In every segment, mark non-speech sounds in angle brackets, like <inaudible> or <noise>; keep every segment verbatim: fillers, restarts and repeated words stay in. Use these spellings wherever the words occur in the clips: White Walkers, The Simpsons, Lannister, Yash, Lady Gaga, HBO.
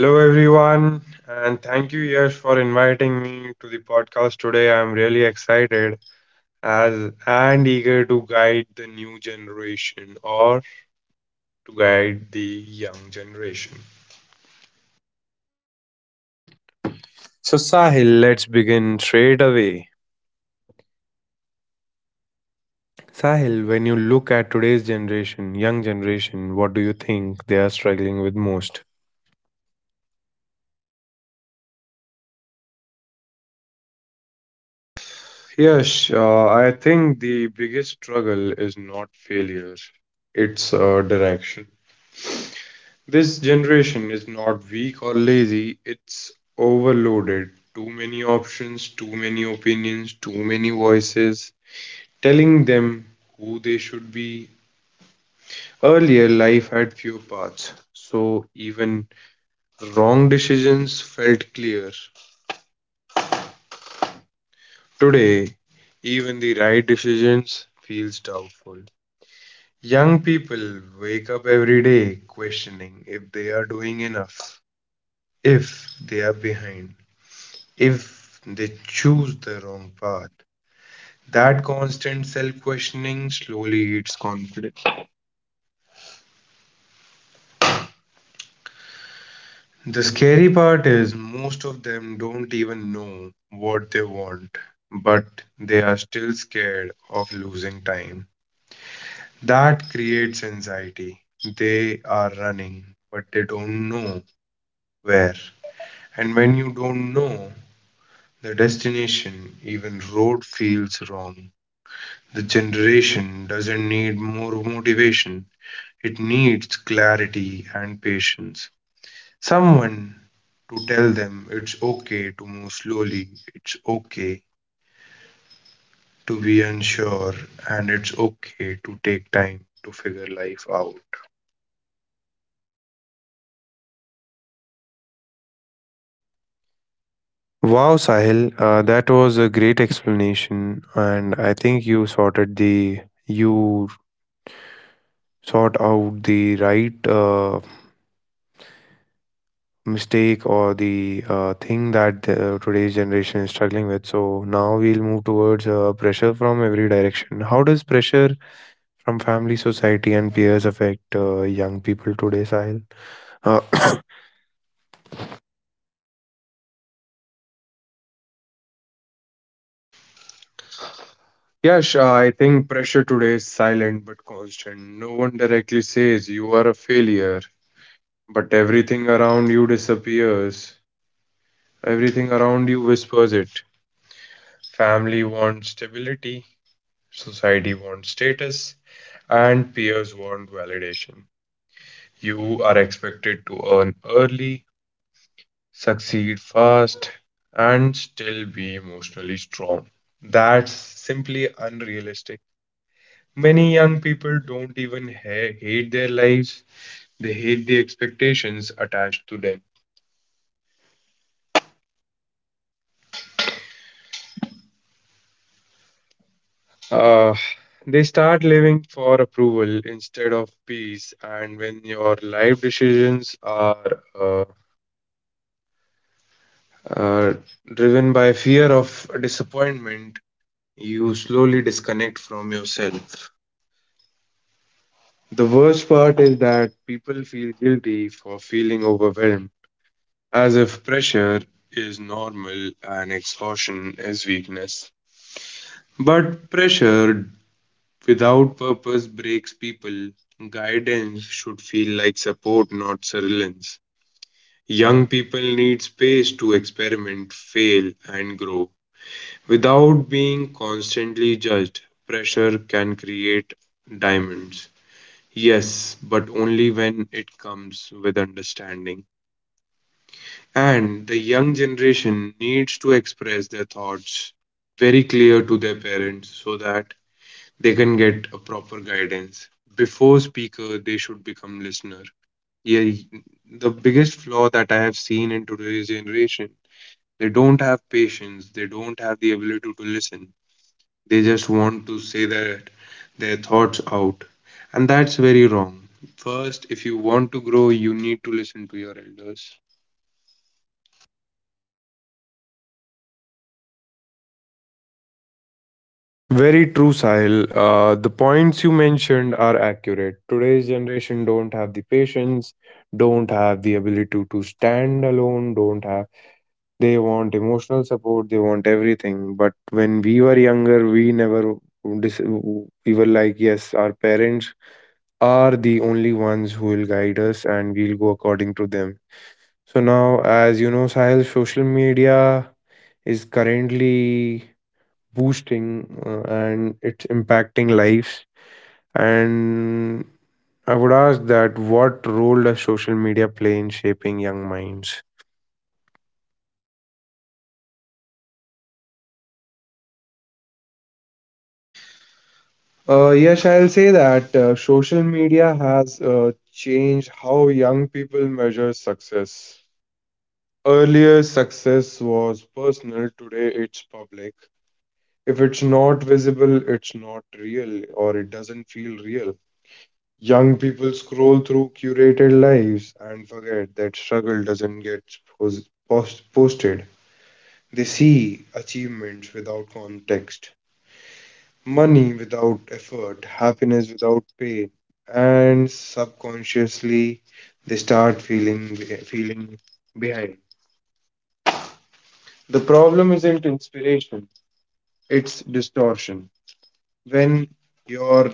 Hello, everyone, and thank you, Yash, for inviting me to the podcast today. I'm really excited as and eager to guide the new generation or to guide the young generation. So, Sahil, let's begin straight away. Sahil, when you look at today's generation, young generation, what do you think they are struggling with most? Yes, uh, I think the biggest struggle is not failure, it's uh, direction. This generation is not weak or lazy, it's overloaded. Too many options, too many opinions, too many voices telling them who they should be. Earlier, life had few paths, so even wrong decisions felt clear. Today, even the right decisions feels doubtful. Young people wake up every day questioning if they are doing enough, if they are behind, if they choose the wrong path. That constant self questioning slowly eats confidence. The scary part is most of them don't even know what they want, but they are still scared of losing time. That creates anxiety. They are running, but they don't know where. And when you don't know the destination, even road feels wrong. The generation doesn't need more motivation. It needs clarity and patience. Someone to tell them it's okay to move slowly, it's okay to be unsure, and it's okay to take time to figure life out. Wow, Sahil, uh, that was a great explanation, and I think you sorted the you sort out the right uh, mistake or the uh, thing that uh, today's generation is struggling with. So now we'll move towards uh, pressure from every direction. How does pressure from family, society, and peers affect uh, young people today, Sahil? Uh, <coughs> Yash, I think pressure today is silent but constant. No one directly says you are a failure, but everything around you disappears. Everything around you whispers it. Family wants stability, society wants status, and peers want validation. You are expected to earn early, succeed fast, and still be emotionally strong. That's simply unrealistic. Many young people don't even ha- hate their lives, they hate the expectations attached to them. Uh, they start living for approval instead of peace, and when your life decisions are uh, uh, driven by fear of disappointment, you slowly disconnect from yourself. The worst part is that people feel guilty for feeling overwhelmed, as if pressure is normal and exhaustion is weakness. But pressure without purpose breaks people. Guidance should feel like support, not surveillance. Young people need space to experiment, fail, and grow. Without being constantly judged, pressure can create diamonds. Yes, but only when it comes with understanding. And the young generation needs to express their thoughts very clear to their parents so that they can get a proper guidance. Before speaker, they should become listener. Yeah, the biggest flaw that I have seen in today's generation, they don't have patience, they don't have the ability to listen. They just want to say that their thoughts out, and that's very wrong. First, if you want to grow, you need to listen to your elders. Very true, Sahil. Uh, the points you mentioned are accurate. Today's generation don't have the patience, don't have the ability to, to stand alone, don't have. They want emotional support, they want everything. But when we were younger, we never. dis- We were like, yes, our parents are the only ones who will guide us and we'll go according to them. So now, as you know, Sahil, social media is currently boosting uh, and it's impacting lives. And I would ask that what role does social media play in shaping young minds? Uh, yes, I'll say that uh, social media has uh, changed how young people measure success. Earlier, success was personal; today, it's public. If it's not visible, it's not real, or it doesn't feel real. Young people scroll through curated lives and forget that struggle doesn't get pos- post- posted. They see achievements without context, money without effort, happiness without pain, and subconsciously they start feeling feeling behind. The problem isn't inspiration, it's distortion. When your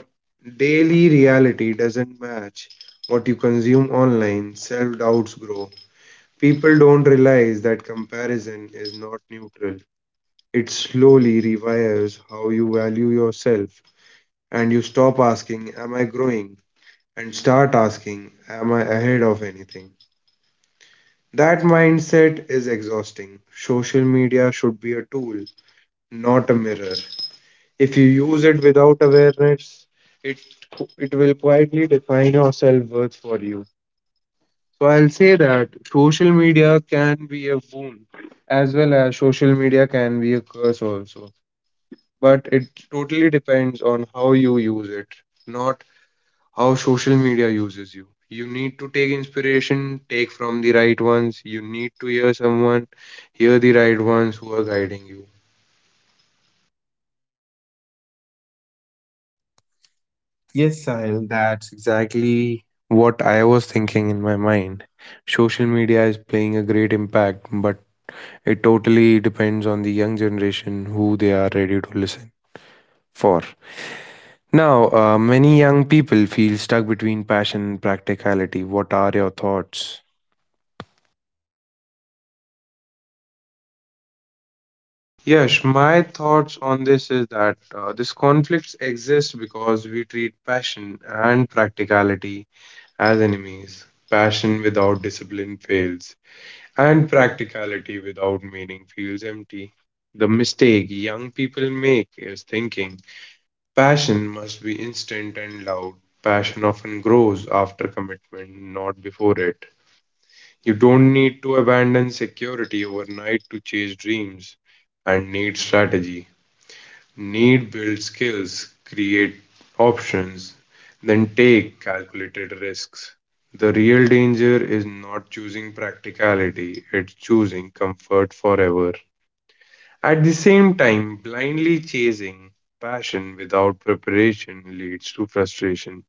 daily reality doesn't match what you consume online, self doubts grow. People don't realize that comparison is not neutral. It slowly rewires how you value yourself, and you stop asking, am I growing? And start asking, am I ahead of anything? That mindset is exhausting. Social media should be a tool, not a mirror. If you use it without awareness, it, it will quietly define your self worth for you. So I'll say that social media can be a boon as well as social media can be a curse also. But it totally depends on how you use it, not how social media uses you. You need to take inspiration, take from the right ones. You need to hear someone, hear the right ones who are guiding you. Yes, Sahil, that's exactly what I was thinking in my mind. Social media is playing a great impact, but it totally depends on the young generation who they are ready to listen for. Now, uh, many young people feel stuck between passion and practicality. What are your thoughts? Yes, my thoughts on this is that uh, this conflicts exist because we treat passion and practicality as enemies. Passion without discipline fails, and practicality without meaning feels empty. The mistake young people make is thinking passion must be instant and loud. Passion often grows after commitment, not before it. You don't need to abandon security overnight to chase dreams and need strategy. Need build skills, create options, then take calculated risks. The real danger is not choosing practicality, it's choosing comfort forever. At the same time, blindly chasing passion without preparation leads to frustration.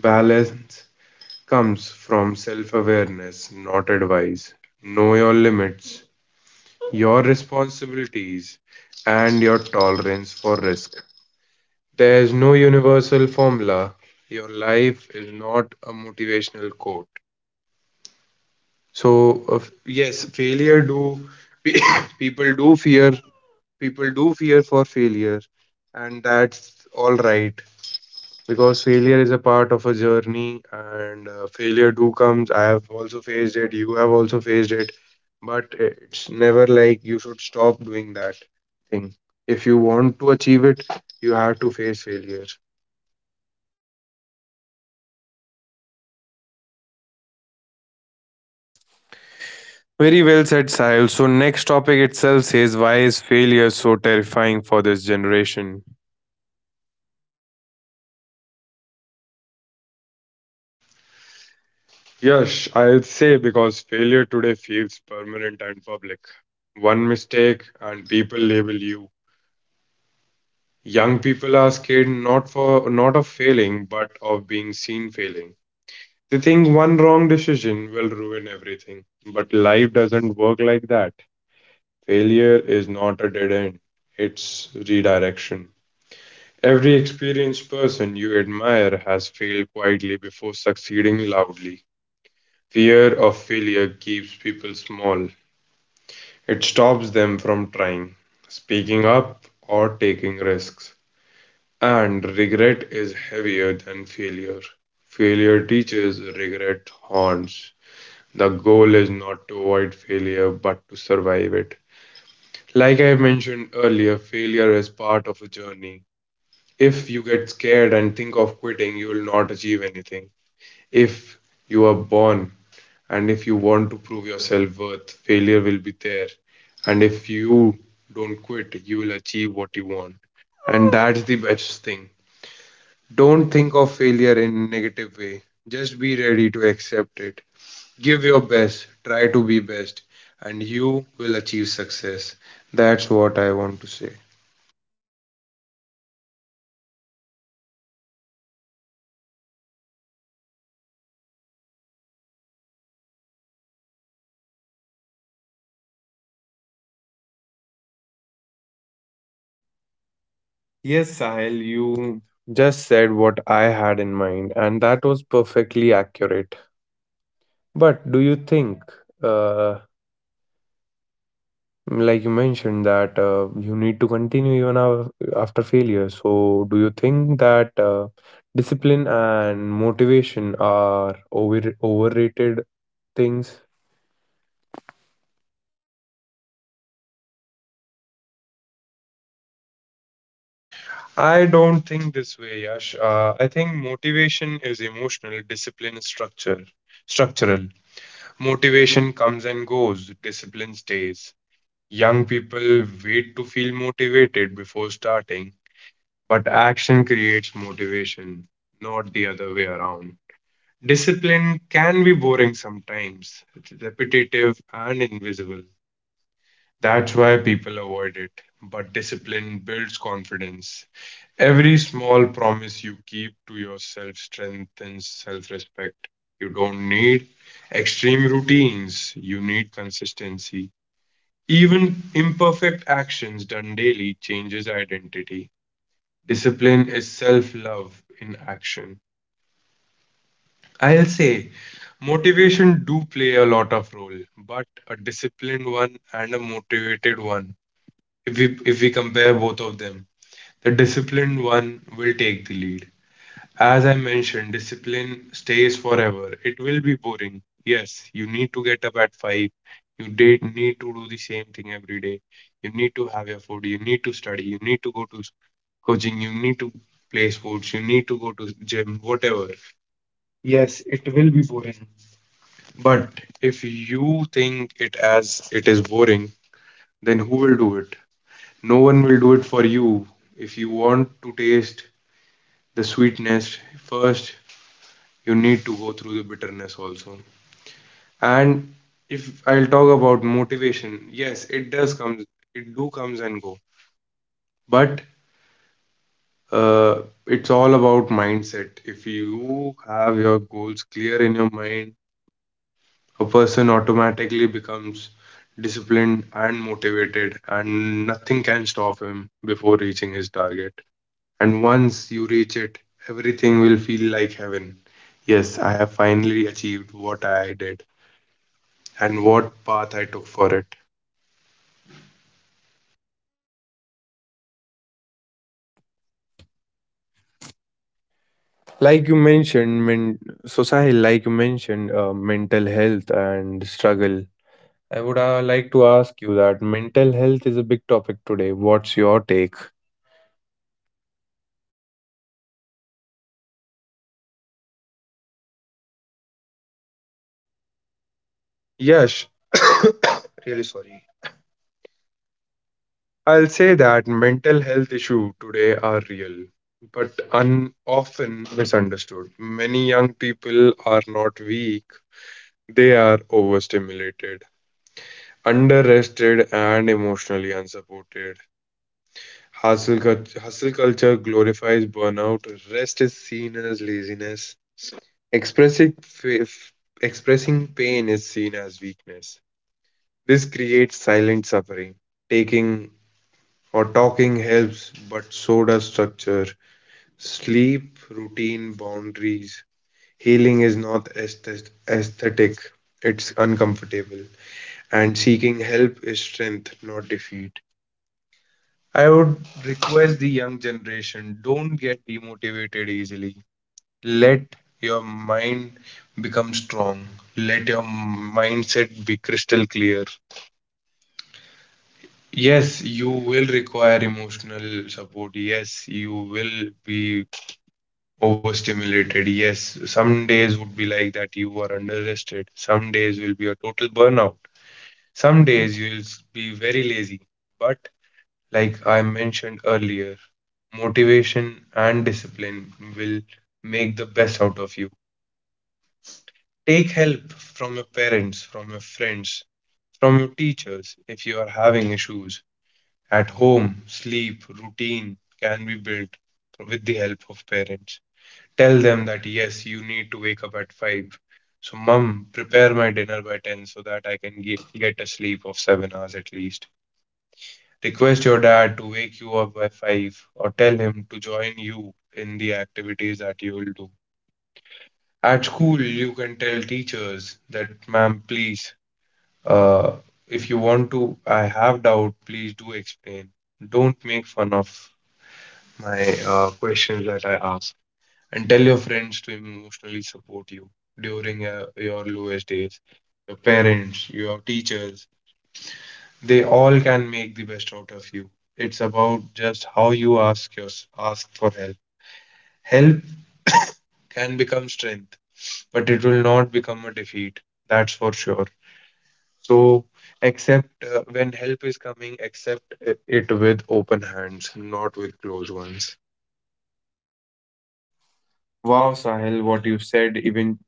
Balance comes from self awareness, not advice. Know your limits, your responsibilities, and your tolerance for risk. There's no universal formula. Your life is not a motivational quote. So uh, yes, failure do <coughs> people do fear people do fear for failure, and that's all right because failure is a part of a journey, and uh, failure do comes. I have also faced it. You have also faced it, but it's never like you should stop doing that thing. If you want to achieve it, you have to face failure. Very well said, Sahil. So, next topic itself says, why is failure so terrifying for this generation? Yes, I'll say because failure today feels permanent and public. One mistake and people label you. Young people are scared not for not of failing, but of being seen failing. They think one wrong decision will ruin everything. But life doesn't work like that. Failure is not a dead end, it's redirection. Every experienced person you admire has failed quietly before succeeding loudly. Fear of failure keeps people small. It stops them from trying, speaking up, or taking risks. And regret is heavier than failure. Failure teaches, regret haunts. The goal is not to avoid failure but to survive it. Like I mentioned earlier, failure is part of a journey. If you get scared and think of quitting, you will not achieve anything. If you are born and if you want to prove your self worth, failure will be there. And if you don't quit, you will achieve what you want. And that's the best thing. Don't think of failure in a negative way. Just be ready to accept it. Give your best, try to be best, and you will achieve success. That's what I want to say. Yes, Sahil, you just said what I had in mind, and that was perfectly accurate. But do you think, uh, like you mentioned, that uh, you need to continue even af- after failure? So, do you think that uh, discipline and motivation are over- overrated things? I don't think this way, Yash. Uh, I think motivation is emotional, discipline is structure, structural. Motivation comes and goes, discipline stays. Young people wait to feel motivated before starting, but action creates motivation, not the other way around. Discipline can be boring sometimes, repetitive and invisible. That's why people avoid it. But discipline builds confidence. Every small promise you keep to yourself strengthens self respect. You don't need extreme routines, you need consistency. Even imperfect actions done daily changes identity. Discipline is self love in action. I'll say motivation do play a lot of role, but a disciplined one and a motivated one, if we if we compare both of them, the disciplined one will take the lead. As I mentioned, discipline stays forever. It will be boring. Yes, you need to get up at five, you did need to do the same thing every day, you need to have your food, you need to study, you need to go to coaching, you need to play sports, you need to go to gym, whatever. Yes, it will be boring, but if you think it as it is boring, then who will do it? No one will do it for you. If you want to taste the sweetness, first you need to go through the bitterness also. And if I'll talk about motivation, yes, it does comes, it do comes and go. But uh, it's all about mindset. If you have your goals clear in your mind, a person automatically becomes disciplined and motivated, and nothing can stop him before reaching his target. And once you reach it, everything will feel like heaven. Yes, I have finally achieved what I did and what path I took for it. Like you mentioned, men- society, like you mentioned, uh, mental health and struggle. I would uh, like to ask you that mental health is a big topic today. What's your take? Yes, <coughs> really sorry. I'll say that mental health issues today are real, but un- often misunderstood. Many young people are not weak, they are overstimulated, underrested, and emotionally unsupported. Hustle, cult- hustle culture glorifies burnout. Rest is seen as laziness. Expressing, fa- f- Expressing pain is seen as weakness. This creates silent suffering. Taking or talking helps, but so does structure. Sleep, routine, boundaries. Healing is not aesthet- aesthetic, it's uncomfortable. And seeking help is strength, not defeat. I would request the young generation don't get demotivated easily. Let your mind become strong. Let your mindset be crystal clear. Yes, you will require emotional support. Yes, you will be overstimulated. Yes, some days would be like that you are under rested. Some days will be a total burnout. Some days you will be very lazy. But like I mentioned earlier, motivation and discipline will make the best out of you. Take help from your parents, from your friends, from your teachers if you are having issues. At home, sleep, routine can be built with the help of parents. Tell them that yes, you need to wake up at five. So, mum, prepare my dinner by ten so that I can get, get a sleep of seven hours at least. Request your dad to wake you up by five or tell him to join you in the activities that you will do. At school, you can tell teachers that, ma'am, please, uh, if you want to, I have doubt, please do explain. Don't make fun of my uh, questions that I ask. And tell your friends to emotionally support you during uh, your lowest days. Your parents, your teachers, They all can make the best out of you. It's about just how you ask yours, ask for help. Help can become strength, but it will not become a defeat. That's for sure. So accept uh, when help is coming, accept it with open hands, not with closed ones. Wow, Sahil, what you said even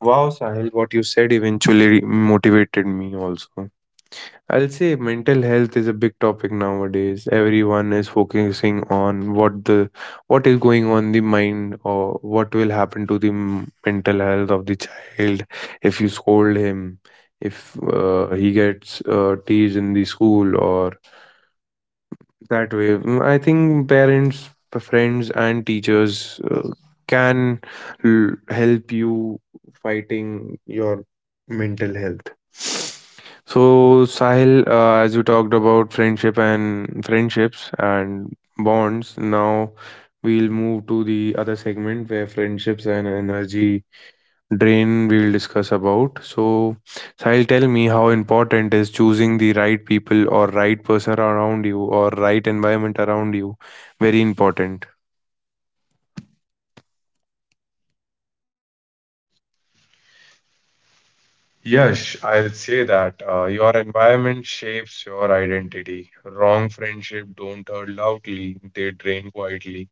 wow, Sahil, what you said eventually motivated me also. I'll say mental health is a big topic nowadays. Everyone is focusing on what the what is going on in the mind or what will happen to the m- mental health of the child if you scold him, if uh, he gets uh, teased in the school or that way. Mm, I think parents, p- friends, and teachers uh, can l- help you fighting your mental health. So Sahil, uh, as you talked about friendship and friendships and bonds, now we'll move to the other segment where friendships and energy drain we'll discuss about. So Sahil, tell me, how important is choosing the right people or right person around you or right environment around you? Very important. Yes, I'll say that uh, your environment shapes your identity. Wrong friendship don't hurt loudly, they drain quietly.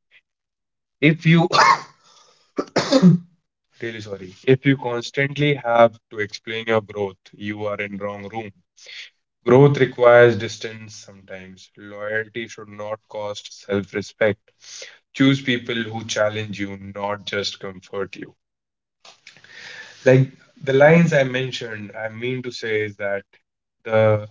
If you <coughs> Really sorry. If you constantly have to explain your growth, you are in wrong room. Growth requires distance sometimes. Loyalty should not cost self-respect. Choose people who challenge you, not just comfort you. Like the lines I mentioned, I mean to say is that the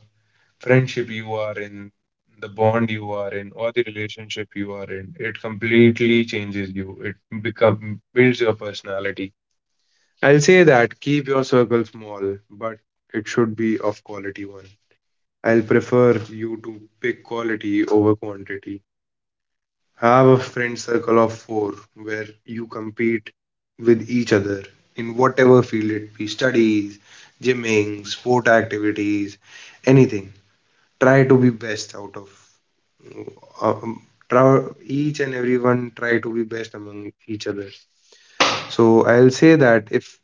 friendship you are in, the bond you are in, or the relationship you are in, it completely changes you. It become builds your personality. I'll say that keep your circle small, but it should be of quality one. I'll prefer you to pick quality over quantity. Have a friend circle of four where you compete with each other in whatever field it be studies, gymming, sport activities, anything. Try to be best out of uh, um, try, each and everyone try to be best among each other. So I'll say that if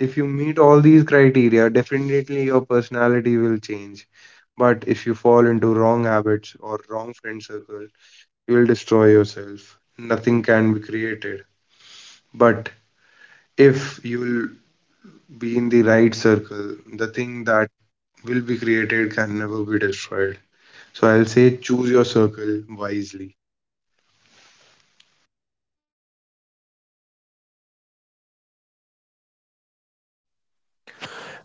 if you meet all these criteria, definitely your personality will change. But if you fall into wrong habits or wrong friend circle, you will destroy yourself. Nothing can be created. But if you'll be in the right circle, the thing that will be created can never be destroyed. So I'll say choose your circle wisely.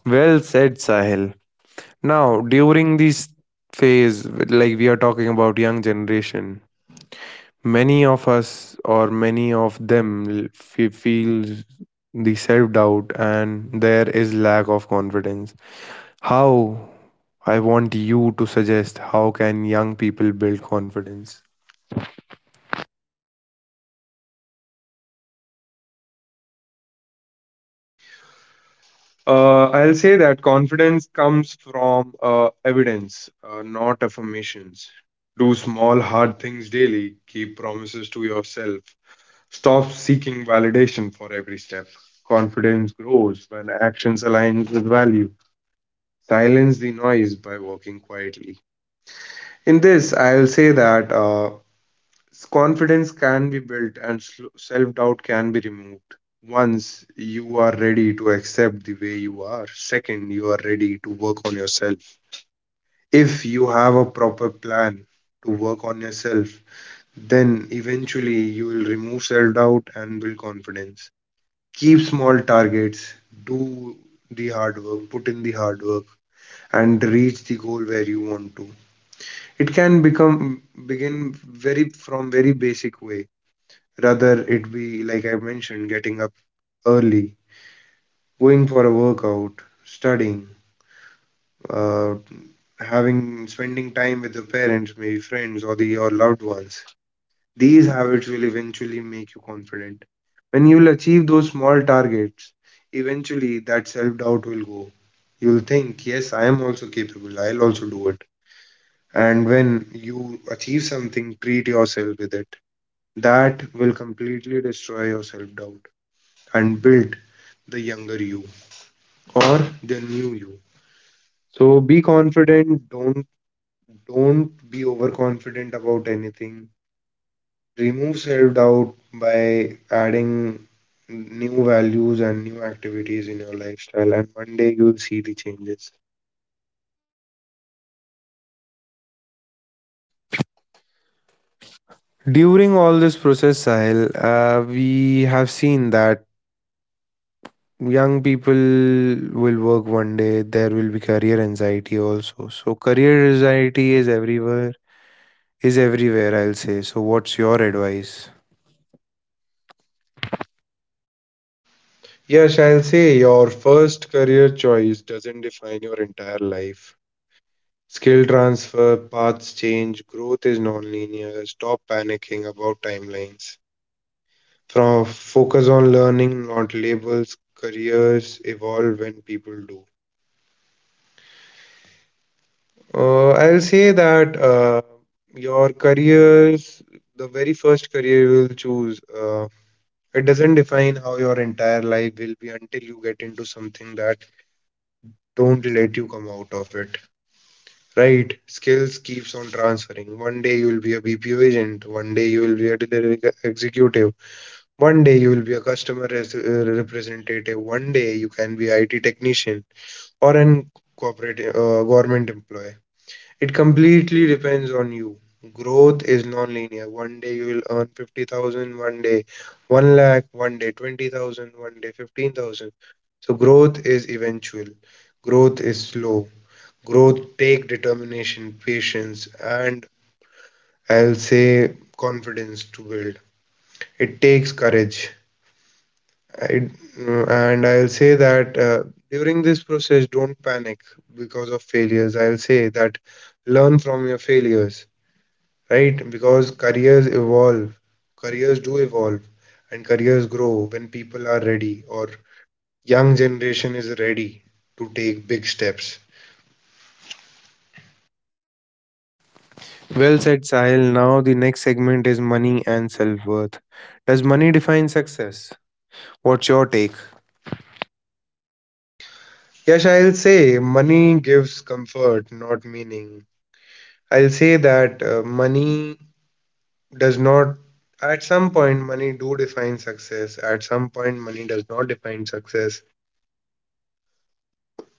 Well said, Sahil. Now during this phase, like we are talking about young generation, many of us or many of them f- feel the self doubt and there is lack of confidence. How? I want you to suggest, how can young people build confidence? Uh, I'll say that confidence comes from uh, evidence, uh, not affirmations. Do small, hard things daily. Keep promises to yourself. Stop seeking validation for every step. Confidence grows when actions align with value. Silence the noise by working quietly. In this, I'll say that uh, Confidence can be built and self doubt can be removed. Once you are ready to accept the way you are, second, you are ready to work on yourself. If you have a proper plan to work on yourself, then eventually you will remove self doubt and build confidence. Keep small targets, do the hard work, put in the hard work, and reach the goal where you want to. It can become begin very from very basic way. Rather, it be like I mentioned, getting up early, going for a workout, studying, uh, having spending time with the parents, maybe friends or the your loved ones. These habits will eventually make you confident. When you'll achieve those small targets, eventually that self-doubt will go. You'll think, yes, I am also capable, I'll also do it. And when you achieve something, treat yourself with it. That will completely destroy your self-doubt, and build the younger you or the new you. So be confident. Don't don't be overconfident about anything. Remove self-doubt by adding new values and new activities in your lifestyle, and one day you'll see the changes. During all this process, Sahil, uh, we have seen that young people will work one day. There will be career anxiety also. So career anxiety is everywhere. Is everywhere, I'll say. So what's your advice? Yes, I'll say your first career choice doesn't define your entire life. Skill transfer, paths change, growth is non-linear. Stop panicking about timelines. From focus on learning, not labels. Careers evolve when people do. Uh, I'll say that uh, your careers, the very first career you will choose, uh, it doesn't define how your entire life will be until you get into something that don't let you come out of it. Right? Skills keeps on transferring. One day you will be a B P O agent. One day you will be a delivery ex- executive. One day you will be a customer res- uh, representative. One day you can be I T technician, or an corporate uh, government employee. It completely depends on you. Growth is non-linear. One day you will earn fifty thousand, one day one lakh, one day twenty thousand, one day fifteen thousand. So growth is eventual. Growth is slow. Growth take determination, patience, and I'll say confidence to build. It takes courage. I, and I'll say that uh, during this process, don't panic because of failures. I'll say that learn from your failures, right? Because careers evolve, careers do evolve, and careers grow when people are ready or young generation is ready to take big steps. Well said, Sahil. Now the next segment is money and self worth. Does money define success? What's your take? Yes, I'll say money gives comfort, not meaning. I'll say that uh, money does not at some point money do define success. At some point money does not define success.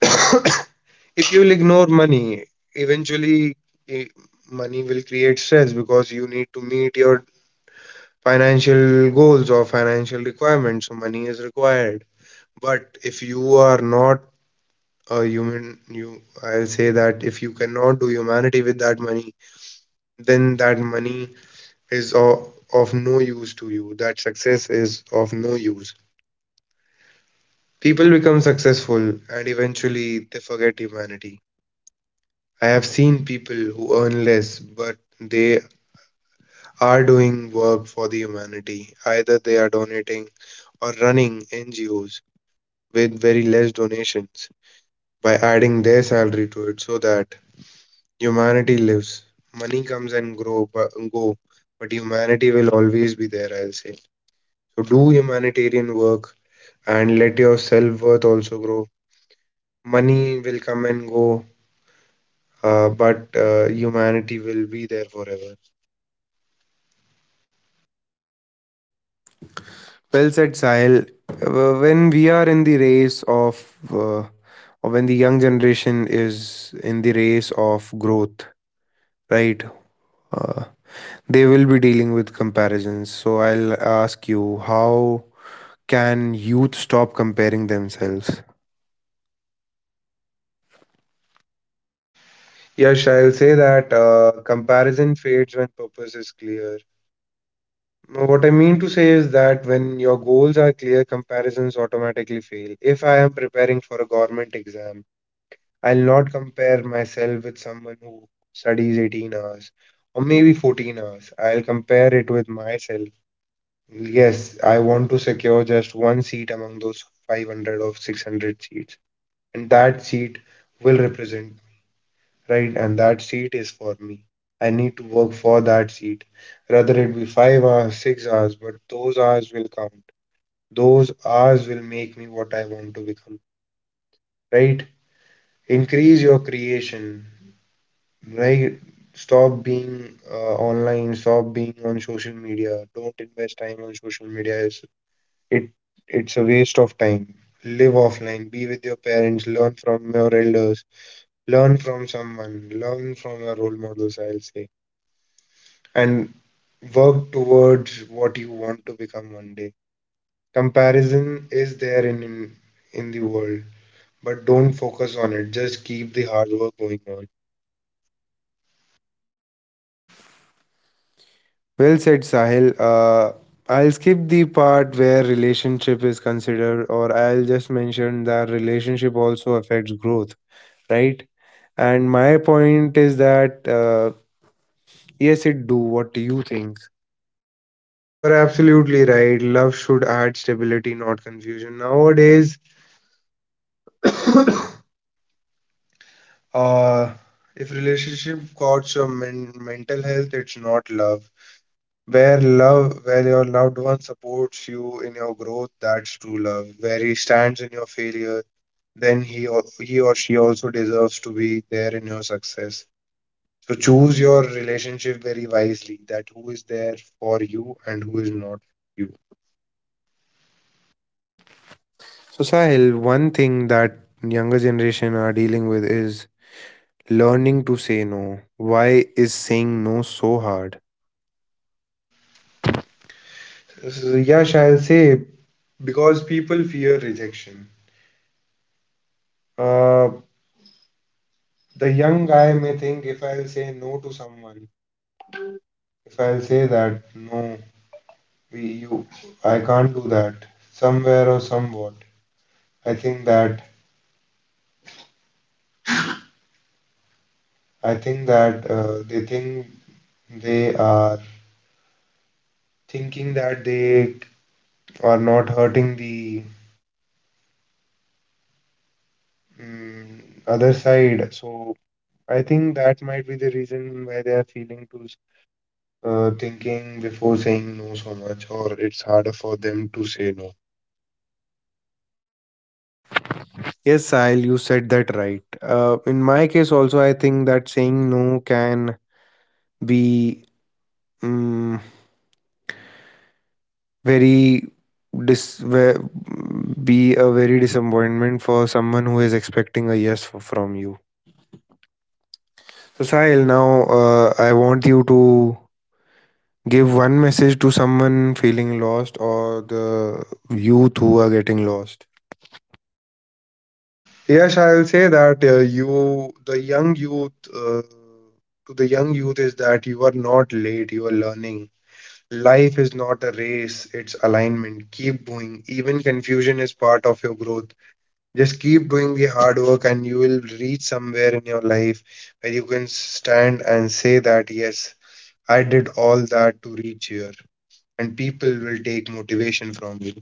<coughs> If you'll ignore money, eventually, eh, money will create stress because you need to meet your financial goals or financial requirements, so money is required. But if you are not a human, you I'll say that if you cannot do humanity with that money, then that money is of, of no use to you. That success is of no use. People become successful and eventually they forget humanity. I have seen people who earn less, but they are doing work for the humanity. Either they are donating or running N G Os with very less donations by adding their salary to it so that humanity lives. Money comes and grow but go, but humanity will always be there, I'll say. So do humanitarian work and let your self worth also grow. Money will come and go, uh, but uh, humanity will be there forever. Well said, Sahil. Uh, When we are in the race of, uh, or when the young generation is in the race of growth, right? Uh, they will be dealing with comparisons. So I'll ask you, how can youth stop comparing themselves? Yes, I'll say that uh, comparison fades when purpose is clear. What I mean to say is that when your goals are clear, comparisons automatically fail. If I am preparing for a government exam, I'll not compare myself with someone who studies eighteen hours or maybe fourteen hours. I'll compare it with myself. Yes, I want to secure just one seat among those five hundred or six hundred seats, and that seat will represent, right? And that seat is for me. I need to work for that seat. Rather it be five hours, six hours, but those hours will count. Those hours will make me what I want to become, right? Increase your creation, right? Stop being uh, online, stop being on social media. Don't invest time on social media. It's, it it's a waste of time. Live offline, be with your parents, learn from your elders, learn from someone, learn from your role models, I'll say, and work towards what you want to become one day. Comparison is there in, in in the world, but don't focus on it. Just keep the hard work going on. Well said, Sahil. Uh, I'll skip the part where relationship is considered, or I'll just mention that relationship also affects growth, right? And my point is that uh, yes, it do. What do you think? You're absolutely right. Love should add stability, not confusion. Nowadays, <coughs> uh, if relationship costs your men- mental health, it's not love. Where love, where your loved one supports you in your growth, that's true love. Where he stands in your failure, then he or he or she also deserves to be there in your success. So choose your relationship very wisely that who is there for you and who is not you. So Sahil, one thing that younger generation are dealing with is learning to say no. Why is saying no so hard? So, Yash, I'll say because people fear rejection. Uh, the young guy may think if I'll say no to someone, if I'll say that no, we, you, I can't do that somewhere or somewhat. I think that I think that uh, they think they are thinking that they or not hurting the mm, other side. So I think that might be the reason why they are feeling to s- uh, thinking before saying no so much, or it's harder for them to say no. Yes, Sahil, you said that right. Uh, in my case also, I think that saying no can be, um, very dis ve- be a very disappointment for someone who is expecting a yes f- from you. So Sahil, now uh, I want you to give one message to someone feeling lost or the youth who are getting lost. Yes, I will say that uh, you, the young youth, uh, to the young youth is that you are not late, you are learning. Life is not a race, it's alignment. Keep going. Even confusion is part of your growth. Just keep doing the hard work and you will reach somewhere in your life where you can stand and say that, yes, I did all that to reach here. And people will take motivation from you.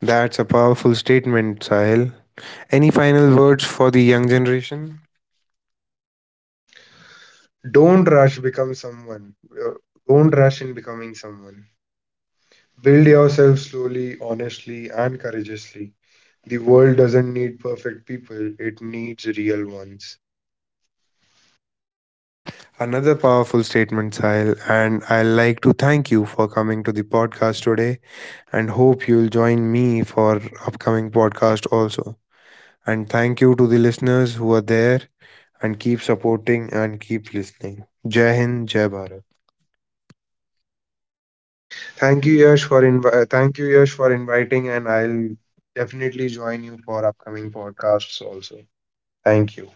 That's a powerful statement, Sahil. Any final words for the young generation? Don't rush become someone. Uh, Don't rush in becoming someone. Build yourself slowly, honestly, and courageously. The world doesn't need perfect people, it needs real ones. Another powerful statement, Sahil, and I like to thank you for coming to the podcast today and hope you'll join me for upcoming podcast also. And thank you to the listeners who are there and keep supporting and keep listening. Jai Hind, Jai Bharat. Thank you, Yash, for invi- uh, thank you, Yash, for inviting, and I'll definitely join you for upcoming podcasts also. Thank you.